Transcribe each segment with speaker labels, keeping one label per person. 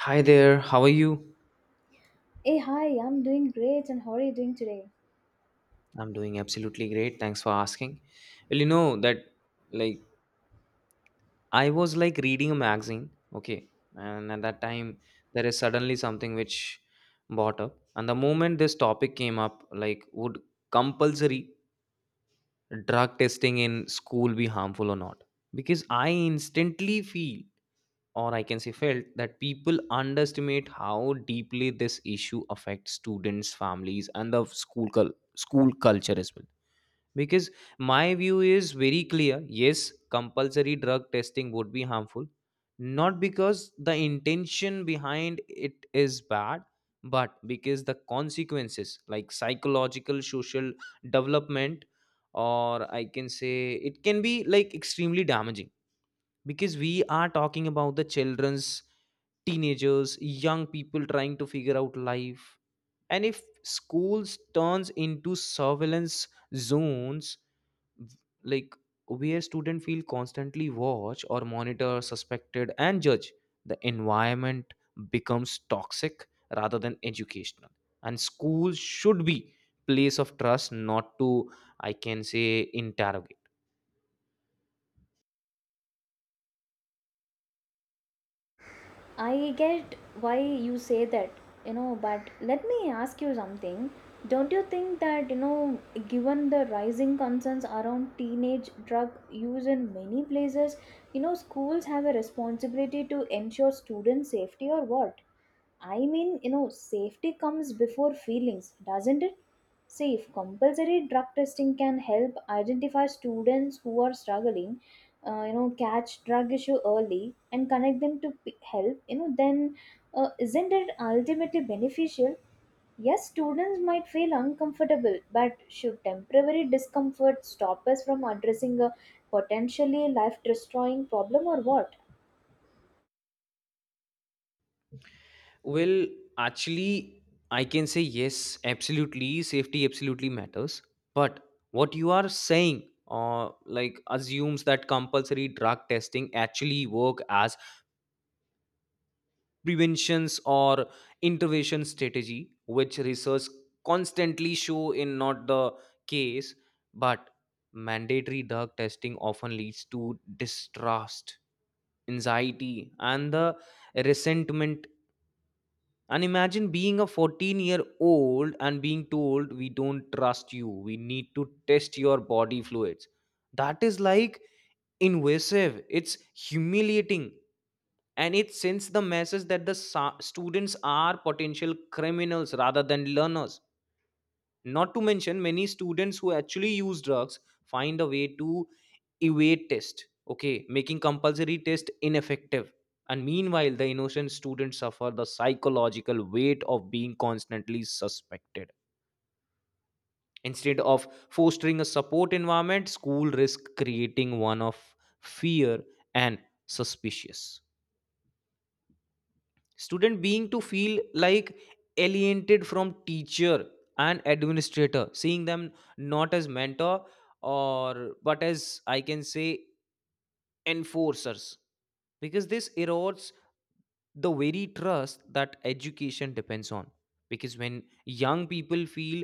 Speaker 1: Hi there, how are you?
Speaker 2: Hey, hi, I'm doing great, and how are you doing today?
Speaker 1: I'm doing absolutely great. Thanks for asking. Well, you know that like I was like reading a magazine, okay, and at that time there is suddenly something which brought up. And the moment this topic came up, like would compulsory drug testing in school be harmful or not? Because I instantly feel or I can say felt that people underestimate how deeply this issue affects students, families, and the school culture as well, because my view is very clear. Yes, compulsory drug testing would be harmful, not because the intention behind it is bad, but because the consequences, like psychological, social development, or I can say, it can be like extremely damaging, because we are talking about the children's, teenagers, young people trying to figure out life. And if schools turns into surveillance zones, like where students feel constantly watched or monitored, suspected, and judged. The environment becomes toxic rather than educational. And schools should be place of trust, not to, I can say, interrogate.
Speaker 2: I get why you say that, you know, but let me ask you something. Don't you think that, you know, given the rising concerns around teenage drug use in many places, you know, schools have a responsibility to ensure student safety or what? I mean, you know, safety comes before feelings, doesn't it? See, if compulsory drug testing can help identify students who are struggling, you know, catch drug issue early and connect them to help, you know, then isn't it ultimately beneficial? Yes, students might feel uncomfortable, but should temporary discomfort stop us from addressing a potentially life destroying problem or what?
Speaker 1: Well, actually, I can say yes, absolutely. Safety absolutely matters. But what you are saying, like assumes that compulsory drug testing actually work as preventions or intervention strategy, which research constantly show in not the case. But mandatory drug testing often leads to distrust, anxiety, and the resentment. And imagine being a 14-year-old and being told, we don't trust you, we need to test your body fluids. That is like invasive, it's humiliating, and it sends the message that the students are potential criminals rather than learners. Not to mention, many students who actually use drugs find a way to evade test, okay, making compulsory test ineffective, and meanwhile the innocent students suffer the psychological weight of being constantly suspected. Instead of fostering a support environment, school risk creating one of fear and suspicious. Student being to feel like alienated from teacher and administrator, seeing them not as mentor or but as I can say enforcers, because this erodes the very trust that education depends on. Because when young people feel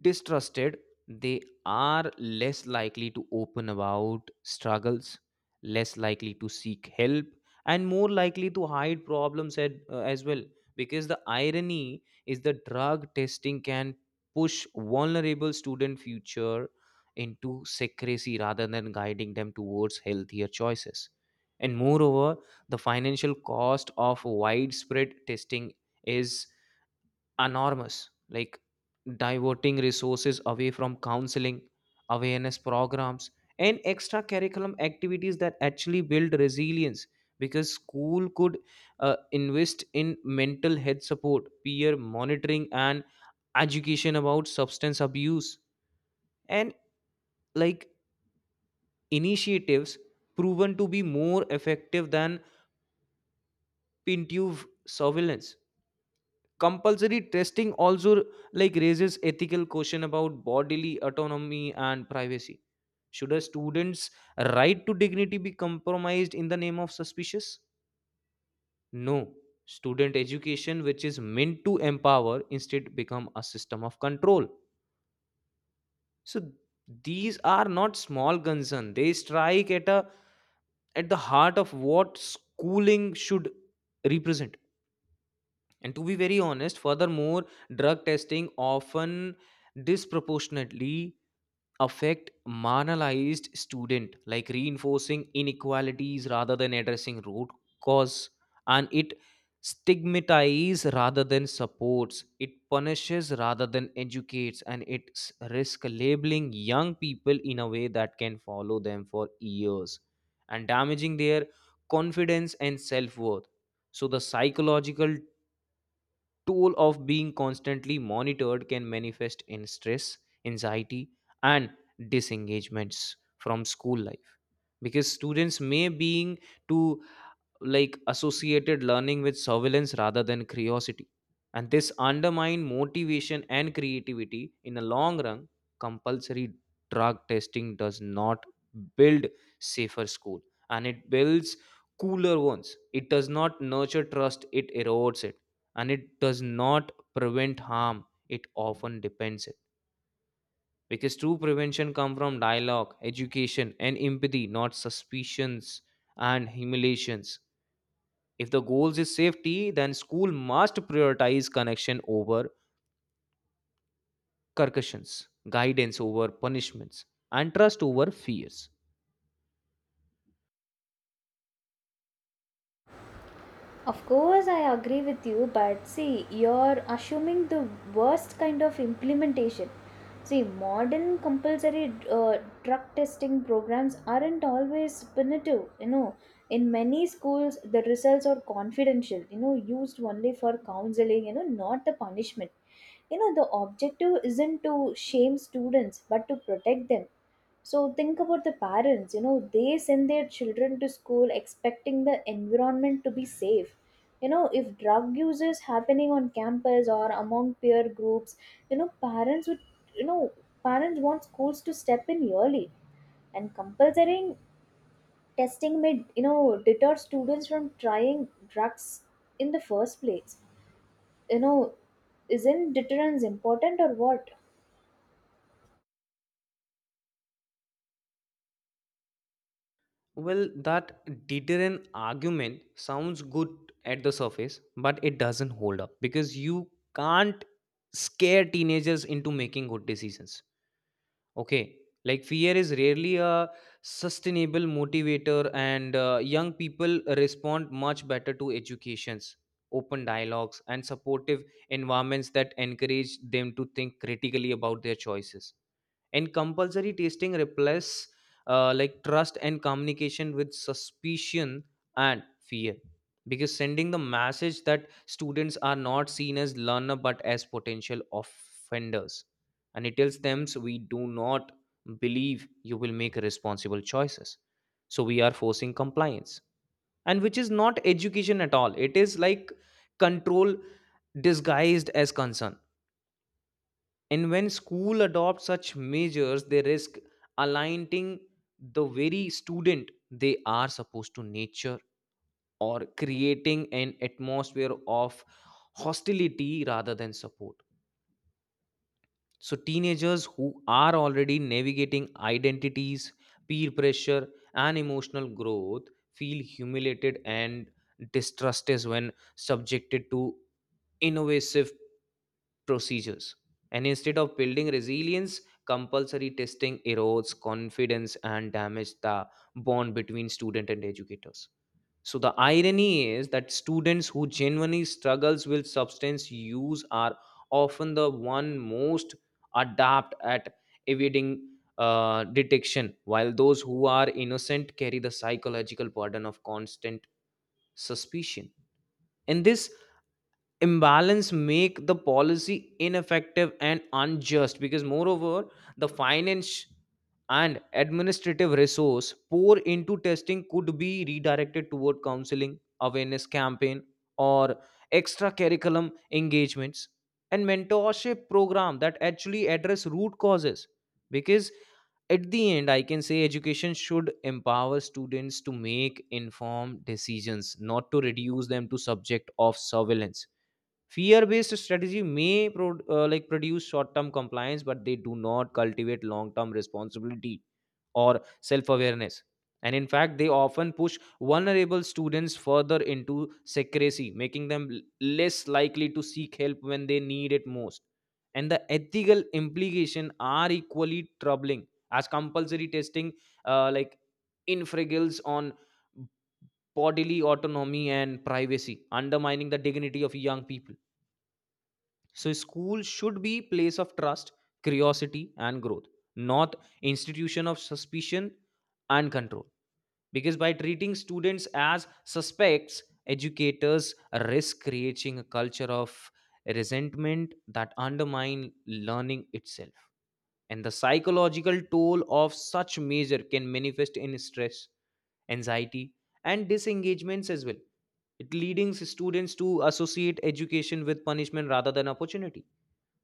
Speaker 1: distrusted, they are less likely to open about struggles, less likely to seek help, and more likely to hide problems at, as well. Because the irony is the drug testing can push vulnerable student future into secrecy rather than guiding them towards healthier choices. And moreover, the financial cost of widespread testing is enormous, like diverting resources away from counseling, awareness programs, and extra curriculum activities that actually build resilience, because school could invest in mental health support, peer monitoring, and education about substance abuse and like initiatives proven to be more effective than pintuve surveillance. Compulsory testing also like raises ethical question about bodily autonomy and privacy. Should a student's right to dignity be compromised in the name of suspicious? No, student education, which is meant to empower, instead become a system of control. So these are not small concerns, they strike at the heart of what schooling should represent. And to be very honest, furthermore, drug testing often disproportionately affect marginalized student, like reinforcing inequalities rather than addressing root cause, and it stigmatizes rather than supports, it punishes rather than educates, and it risk labeling young people in a way that can follow them for years and damaging their confidence and self worth. So the psychological toll of being constantly monitored can manifest in stress, anxiety, and disengagements from school life, because students may being to like associated learning with surveillance rather than curiosity. And this undermine motivation and creativity in the long run. Compulsory drug testing does not build safer school, and it builds cooler ones. It does not nurture trust, it erodes it, and it does not prevent harm, it often depends it, because true prevention come from dialogue, education, and empathy, not suspicions and humiliations. If the goals is safety, then school must prioritize connection over concussions, guidance over punishments, and trust over fears.
Speaker 2: Of course, I agree with you, but see, you're assuming the worst kind of implementation. See, modern compulsory drug testing programs aren't always punitive. You know, in many schools, the results are confidential, you know, used only for counseling, you know, not the punishment. You know, the objective isn't to shame students, but to protect them, so think about the parents. You know, they send their children to school expecting the environment to be safe. You know, if drug use is happening on campus or among peer groups, you know, parents would, you know, parents want schools to step in early. And compulsory testing may, you know, deter students from trying drugs in the first place. You know, isn't deterrence important or what?
Speaker 1: Well, that deterrent argument sounds good at the surface, but it doesn't hold up because you can't scare teenagers into making good decisions. Okay. Like fear is rarely a sustainable motivator, and young people respond much better to educations, open dialogues, and supportive environments that encourage them to think critically about their choices. And compulsory testing replace like trust and communication with suspicion and fear, because sending the message that students are not seen as learner but as potential offenders, and it tells them, so we do not believe you will make responsible choices, so we are forcing compliance, and which is not education at all, it is like control disguised as concern. And when school adopt such measures, they risk aligning the very student they are supposed to nature or creating an atmosphere of hostility rather than support. So teenagers who are already navigating identities, peer pressure, and emotional growth feel humiliated and distrusted when subjected to innovative procedures. And instead of building resilience, compulsory testing erodes confidence and damages the bond between student and educators. So the irony is that students who genuinely struggles with substance use are often the one most adept at evading detection, while those who are innocent carry the psychological burden of constant suspicion. In this imbalance make the policy ineffective and unjust, because moreover the finance and administrative resource pour into testing could be redirected toward counseling awareness campaign or extra curriculum engagements and mentorship program that actually address root causes. Because at the end I can say education should empower students to make informed decisions, not to reduce them to subject of surveillance. Fear-based strategy may like produce short-term compliance, but they do not cultivate long-term responsibility or self-awareness. And in fact, they often push vulnerable students further into secrecy, making them less likely to seek help when they need it most. And the ethical implications are equally troubling, as compulsory testing like infringes on bodily autonomy and privacy, undermining the dignity of young people. So school should be place of trust, curiosity, and growth, not institution of suspicion and control, because by treating students as suspects, educators risk creating a culture of resentment that undermine learning itself. And the psychological toll of such measure can manifest in stress, anxiety, and disengagements as well, it leading students to associate education with punishment rather than opportunity.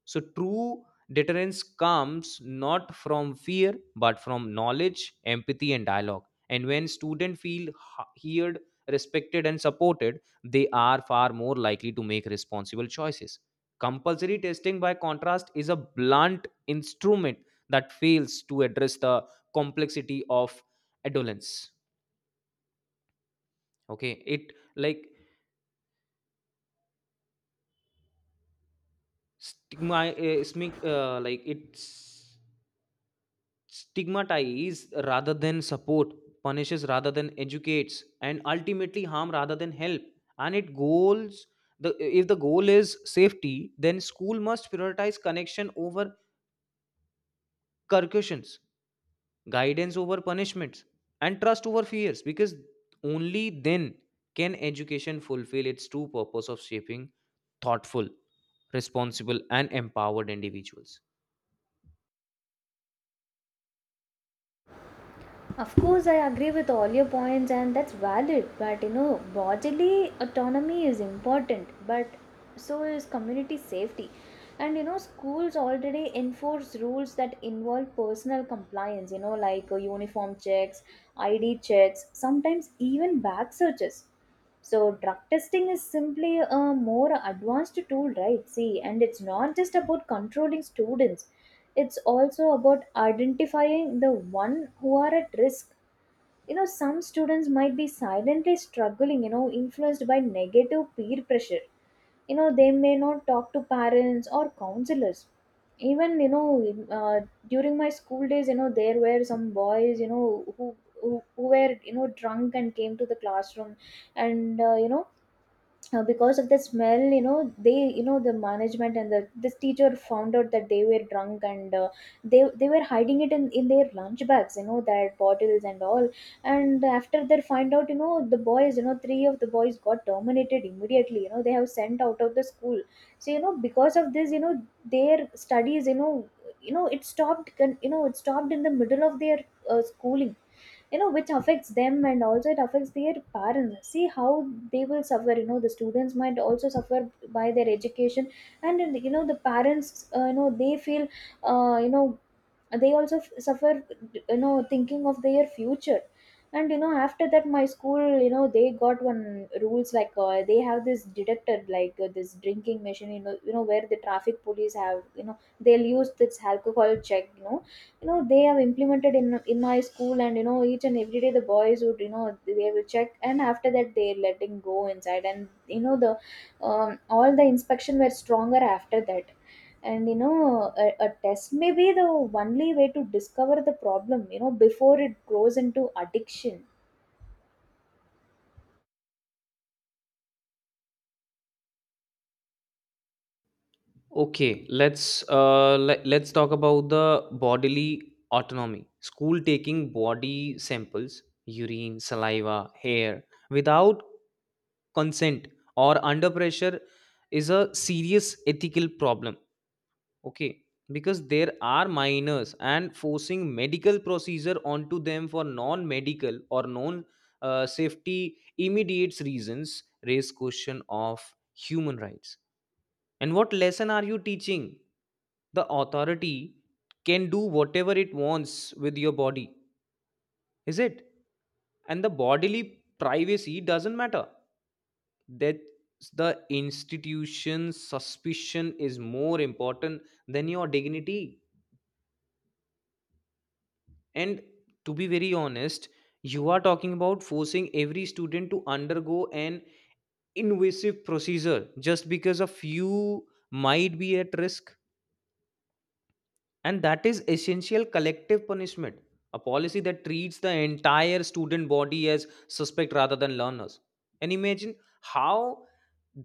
Speaker 1: So, true deterrence comes not from fear but from knowledge, empathy, and dialogue. And when students feel heard, respected, and supported, they are far more likely to make responsible choices. Compulsory testing, by contrast, is a blunt instrument that fails to address the complexity of adolescence. Okay, it like stigma, smi- like it's stigmatize rather than support, punishes rather than educates, and ultimately harm rather than help. And it goals the if the goal is safety, then school must prioritize connection over concussions, guidance over punishments, and trust over fears, because only then can education fulfill its true purpose of shaping thoughtful, responsible, and empowered individuals.
Speaker 2: Of course, I agree with all your points, and that's valid. But you know, bodily autonomy is important, but so is community safety. And you know, schools already enforce rules that involve personal compliance, you know, like uniform checks, ID checks, sometimes even bag searches. So drug testing is simply a more advanced tool, right? See, and it's not just about controlling students. It's also about identifying the one who are at risk. You know, some students might be silently struggling, you know, influenced by negative peer pressure. You know, they may not talk to parents or counselors even, you know, during my school days, you know, there were some boys, you know, who were, you know, drunk and came to the classroom, and you know, because of the smell, you know, they, you know, the management and the this teacher found out that they were drunk, and they were hiding it in their lunch bags, you know, their bottles and all. And after they find out, you know, the boys, you know, three of the boys got terminated immediately. You know, they have sent out of the school. So, you know, because of this, you know, their studies, you know, you know it stopped you know it stopped in the middle of their schooling, you know, which affects them and also it affects their parents. See how they will suffer. You know, the students might also suffer by their education. And you know the parents, you know, they feel, you know, they also suffer, you know, thinking of their future. And you know, after that, my school, you know, they got one rules like, they have this detector like, this drinking machine, you know, you know where the traffic police have, you know, they'll use this alcohol check, you know, you know they have implemented in my school. And you know, each and every day the boys would, you know, they will check, and after that they let him go inside. And you know the, all the inspection were stronger after that. And you know a test may be the only way to discover the problem, you know, before it grows into addiction.
Speaker 1: Okay, let's talk about the bodily autonomy. School taking body samples, urine, saliva, hair without consent or under pressure is a serious ethical problem. Okay, because there are minors and forcing medical procedure onto them for non-medical or non safety immediate reasons raise question of human rights. And what lesson are you teaching? The authority can do whatever it wants with your body, is it? And the bodily privacy doesn't matter. That the institution's suspicion is more important than your dignity. And to be very honest, you are talking about forcing every student to undergo an invasive procedure just because a few might be at risk, and that is essential collective punishment, a policy that treats the entire student body as suspect rather than learners. And imagine how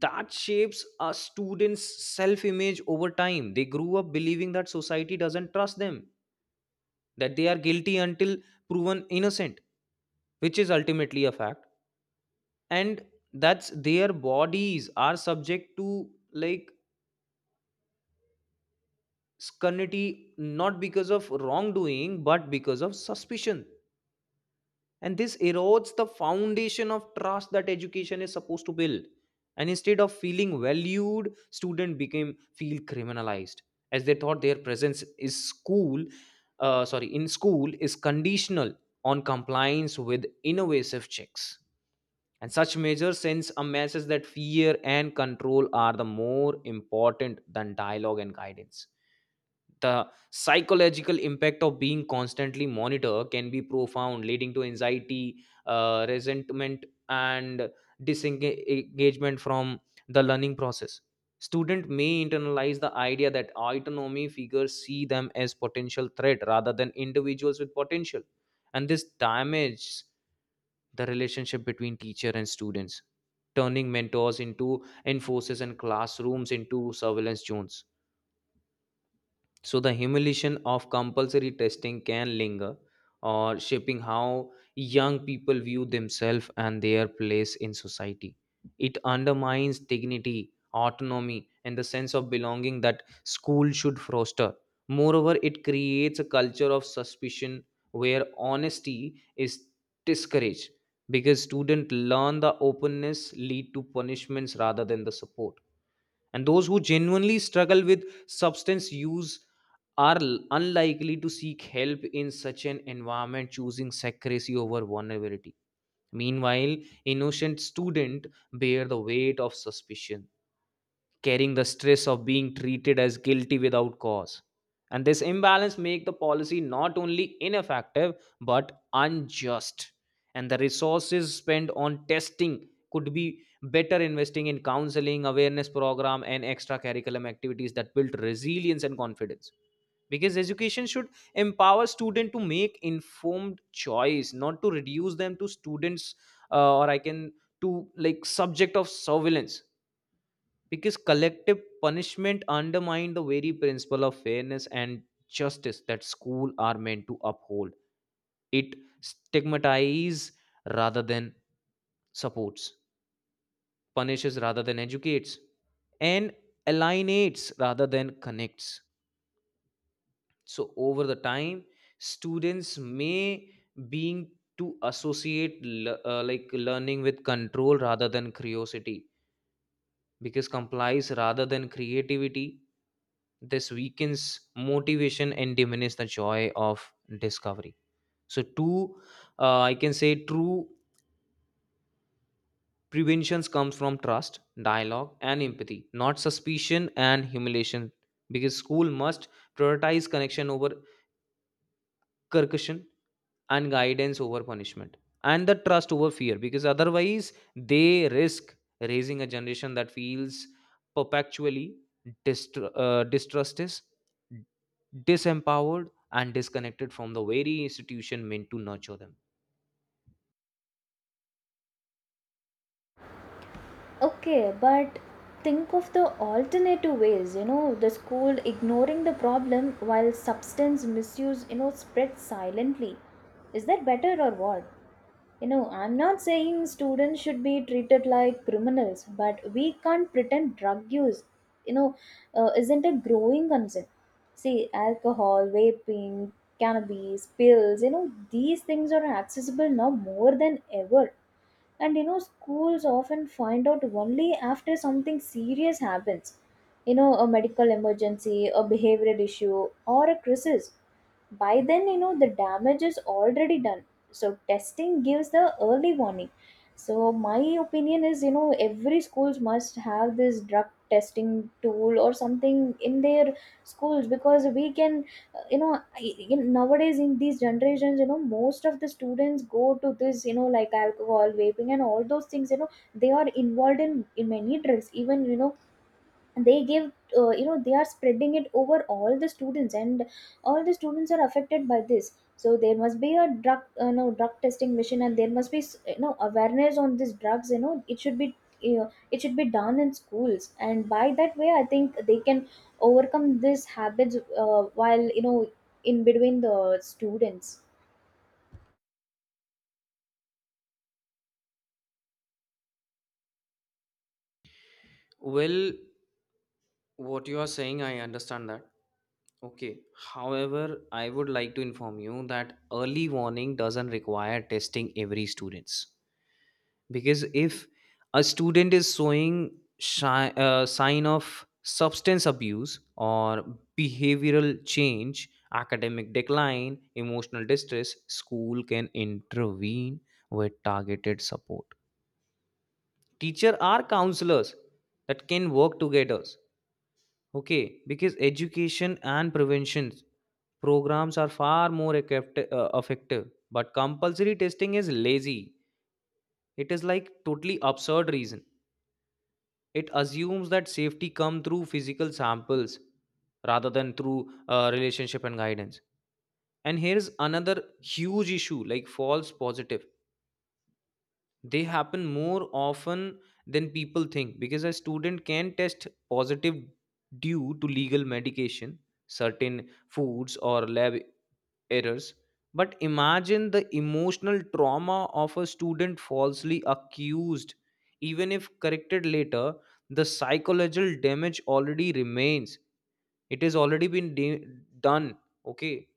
Speaker 1: that shapes a student's self image over time. They grew up believing that society doesn't trust them, that they are guilty until proven innocent, which is ultimately a fact. And that's their bodies are subject to like scrutiny, not because of wrongdoing but because of suspicion. And this erodes the foundation of trust that education is supposed to build. And instead of feeling valued, student became feel criminalized, as they thought their presence is school sorry in school is conditional on compliance with innovative checks. And such measures sends a message that fear and control are the more important than dialogue and guidance. The psychological impact of being constantly monitored can be profound, leading to anxiety, resentment, and disengagement from the learning process. Student may internalize the idea that autonomy figures see them as potential threat rather than individuals with potential. And this damages the relationship between teacher and students, turning mentors into enforcers and classrooms into surveillance zones. So the humiliation of compulsory testing can linger or shaping how young people view themselves and their place in society. It undermines dignity, autonomy, and the sense of belonging that school should foster. Moreover, it creates a culture of suspicion where honesty is discouraged because students learn the openness lead to punishments rather than the support, and those who genuinely struggle with substance use are unlikely to seek help in such an environment, choosing secrecy over vulnerability. Meanwhile, innocent students bear the weight of suspicion, carrying the stress of being treated as guilty without cause, and this imbalance make the policy not only ineffective but unjust. And the resources spent on testing could be better investing in counseling awareness program and extra activities that build resilience and confidence, because education should empower students to make informed choice, not to reduce them to students, or I can, to like subject of surveillance, because collective punishment undermined the very principle of fairness and justice that school are meant to uphold. It stigmatizes rather than supports, punishes rather than educates, and alienates rather than connects. So over the time, students may being to associate like learning with control rather than curiosity, because complies rather than creativity. This weakens motivation and diminish the joy of discovery. So two I can say true preventions comes from trust, dialogue and empathy, not suspicion and humiliation, because school must prioritize connection over coercion, and guidance over punishment, and the trust over fear, because otherwise they risk raising a generation that feels perpetually distrusted, disempowered and disconnected from the very institution meant to nurture them.
Speaker 2: Okay, but think of the alternative ways, you know, the school ignoring the problem while substance misuse, you know, spreads silently. Is that better or what? You know, I'm not saying students should be treated like criminals, but we can't pretend drug use, you know, isn't a growing concern. See, alcohol, vaping, cannabis, pills, you know, these things are accessible now more than ever, and you know, schools often find out only after something serious happens. You know, a medical emergency, a behavioral issue, or a crisis. By then, you know, the damage is already done. So, testing gives the early warning. So, my opinion is, you know, every schools must have this drug testing tool or something in their schools, because we can, you know, in nowadays, in these generations, you know, most of the students go to this, you know, like alcohol, vaping, and all those things. You know, they are involved in many drugs, even, you know, they give, you know, they are spreading it over all the students, and all the students are affected by this. So there must be a drug, no, drug testing machine, and there must be, you know, awareness on these drugs. You know, it should be, you know, it should be done in schools, and by that way I think they can overcome these habits, while, you know, in between the students.
Speaker 1: Well, what you are saying, I understand that. Okay. However, I would like to inform you that early warning doesn't require testing every students, because if a student is showing sign of substance abuse or behavioral change, academic decline, emotional distress, school can intervene with targeted support. Teacher are counselors that can work together. Okay, because education and preventions programs are far more effective. But compulsory testing is lazy. It is like totally absurd reason. It assumes that safety come through physical samples rather than through relationship and guidance. And here is another huge issue, like false positive. They happen more often than people think, because a student can test positive due to legal medication, certain foods or lab errors. But imagine the emotional trauma of a student falsely accused. Even if corrected later, the psychological damage already remains. It has already been done. Okay,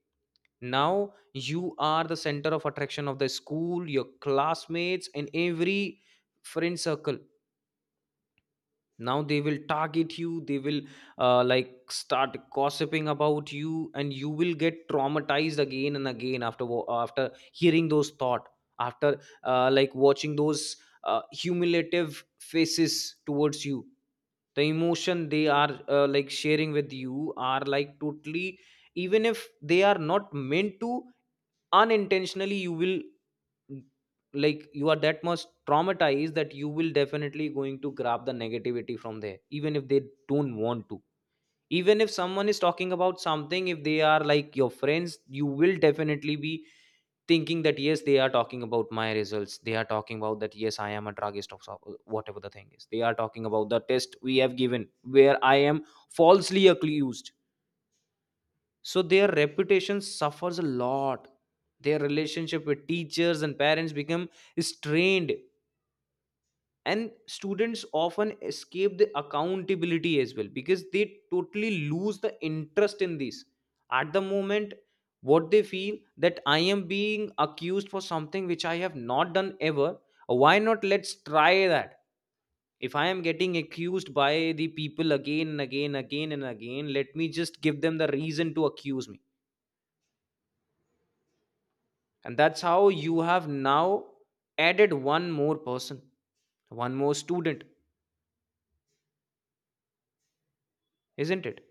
Speaker 1: now you are the center of attraction of the school, your classmates and every friend circle. Now they will target you, they will like start gossiping about you, and you will get traumatized again and again, after hearing those thought, after like watching those humiliative faces towards you. The emotion they are like sharing with you are like totally, even if they are not meant to, unintentionally, you will, like, you are that much traumatized that you will definitely going to grab the negativity from there, even if they don't want to. Even if someone is talking about something, if they are like your friends, you will definitely be thinking that yes, they are talking about my results, they are talking about that, yes, I am a druggist of whatever the thing is, they are talking about the test we have given where I am falsely accused. So their reputation suffers a lot, their relationship with teachers and parents become strained, and students often escape the accountability as well, because they totally lose the interest in this. At the moment, what they feel that I am being accused for something which I have not done ever. Why not, let's try that. If I am getting accused by the people again and again, again and again, let me just give them the reason to accuse me. And that's how you have now added one more person, one more student. Isn't it?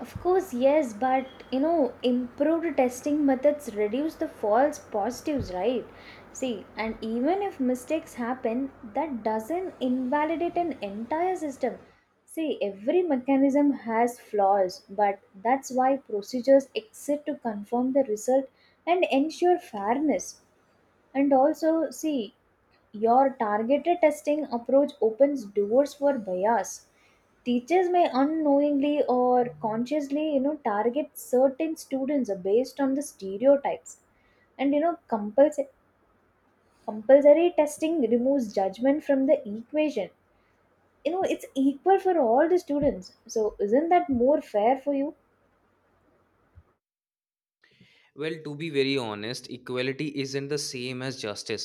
Speaker 2: Of course, yes, but you know, improved testing methods reduce the false positives, right? See, and even if mistakes happen, that doesn't invalidate an entire system. See, every mechanism has flaws, but that's why procedures exist to confirm the result and ensure fairness. And also, see, your targeted testing approach opens doors for bias. Teachers may unknowingly or consciously, you know, target certain students based on the stereotypes. And you know, compulsory testing removes judgment from the equation. You know, it's equal for all the students. So, isn't that more fair for you?
Speaker 1: Well, to be very honest, equality isn't the same as justice,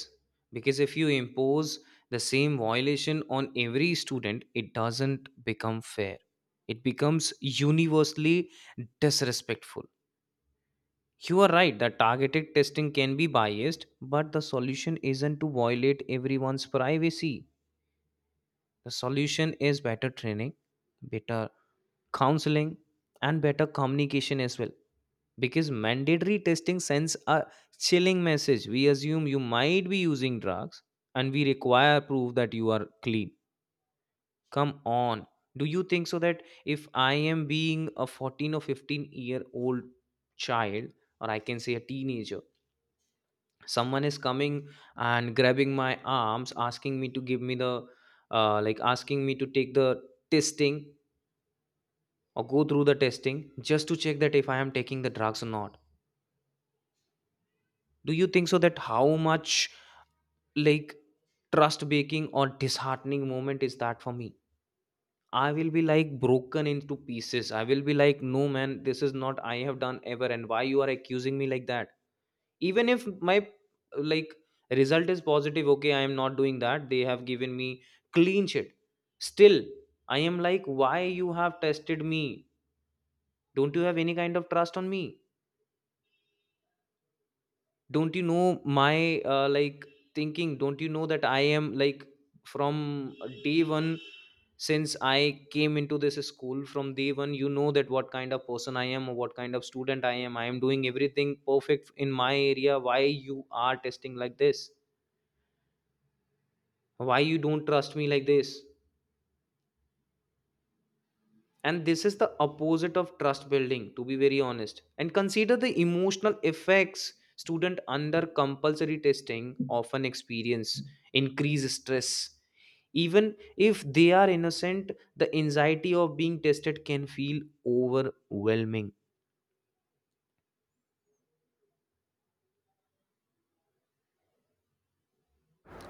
Speaker 1: because if you impose the same violation on every student, it doesn't become fair, it becomes universally disrespectful. You are right that targeted testing can be biased, but the solution isn't to violate everyone's privacy. The solution is better training, better counseling, and better communication as well, because mandatory testing sends a chilling message: we assume you might be using drugs, and we require proof that you are clean. Come on, do you think so that if I am being a 14 or 15-year-old child, or I can say a teenager, someone is coming and grabbing my arms, asking me to give me the, like asking me to take the testing, or go through the testing just to check that if I am taking the drugs or not. Do you think so that how much, like, trust breaking or disheartening moment is that for me? I will be like broken into pieces. I will be like, no man, this is not I have done ever, and why you are accusing me like that? Even if my, like, result is positive, okay, I am not doing that. They have given me clean shit. Still, I am like, why you have tested me? Don't you have any kind of trust on me? Don't you know my like thinking? Don't you know that I am like, from day one, since I came into this school, from day one, you know that what kind of person I am, or what kind of student I am. I am doing everything perfect in my area, why you are testing like this? Why you don't trust me like this? And this is the opposite of trust building, to be very honest. And consider the emotional effects. Student under compulsory testing often experience increased stress. Even if they are innocent, the anxiety of being tested can feel overwhelming.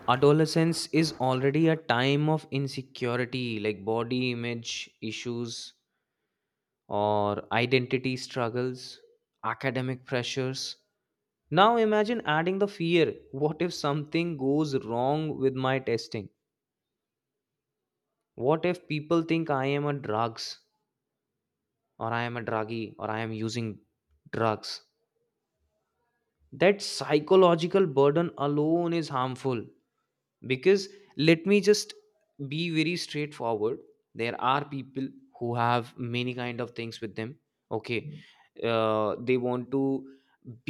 Speaker 1: Adolescence is already a time of insecurity, like body image issues, or identity struggles, academic pressures. Now imagine adding the fear: what if something goes wrong with my testing? What if people think I am a drugs, or I am a druggie, or I am using drugs? That psychological burden alone is harmful. Because, let me just be very straightforward, there are people who have many kind of things with them. Okay, they want to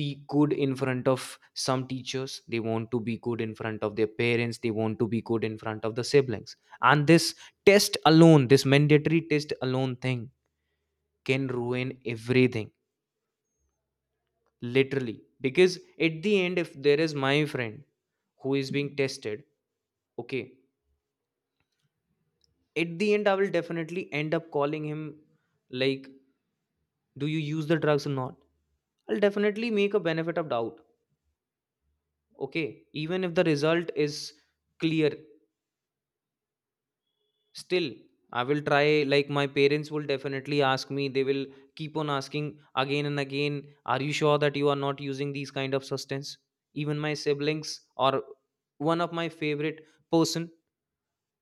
Speaker 1: be good in front of some teachers, they want to be good in front of their parents, they want to be good in front of the siblings, and this test alone, this mandatory test alone thing, can ruin everything, literally. Because at the end, if there is my friend who is being tested, okay, at the end, I will definitely end up calling him, like, do you use the drugs or not? I'll definitely make a benefit of doubt. Okay. Even if the result is clear, still I will try, like my parents will definitely ask me. They will keep on asking again and again, are you sure that you are not using these kind of substance? Even my siblings, or one of my favorite person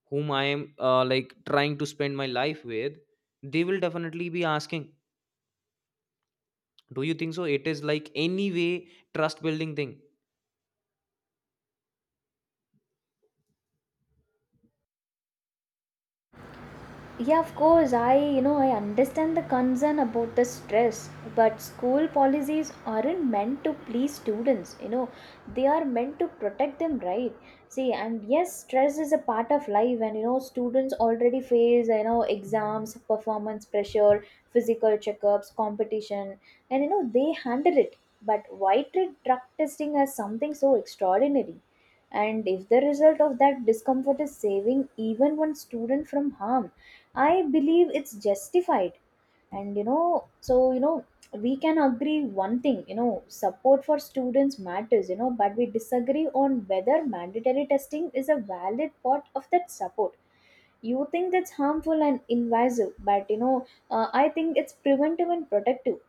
Speaker 1: whom I am like trying to spend my life with, they will definitely be asking. Do you think so? It is like any way trust building thing.
Speaker 2: Yeah, of course. I, you know, I understand the concern about the stress, but school policies aren't meant to please students, you know, they are meant to protect them, right? See, and yes, stress is a part of life, and you know, students already face, you know, exams, performance pressure, physical checkups, competition, and you know, they handle it. But why treat drug testing as something so extraordinary? And if the result of that discomfort is saving even one student from harm? I believe it's justified. And you know, so, you know, we can agree one thing, you know, support for students matters, you know, but we disagree on whether mandatory testing is a valid part of that support. You think that's harmful and invasive, but you know, I think it's preventive and protective.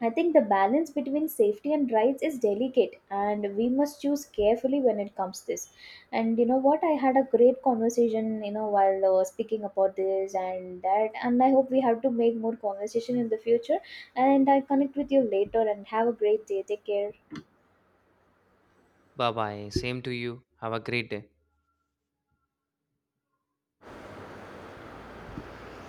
Speaker 2: I think the balance between safety and rights is delicate, and we must choose carefully when it comes to this. And you know what? I had a great conversation, you know, while speaking about this and that. And I hope we have to make more conversation in the future. And I connect with you later. And have a great day. Take care.
Speaker 1: Bye bye. Same to you. Have a great day.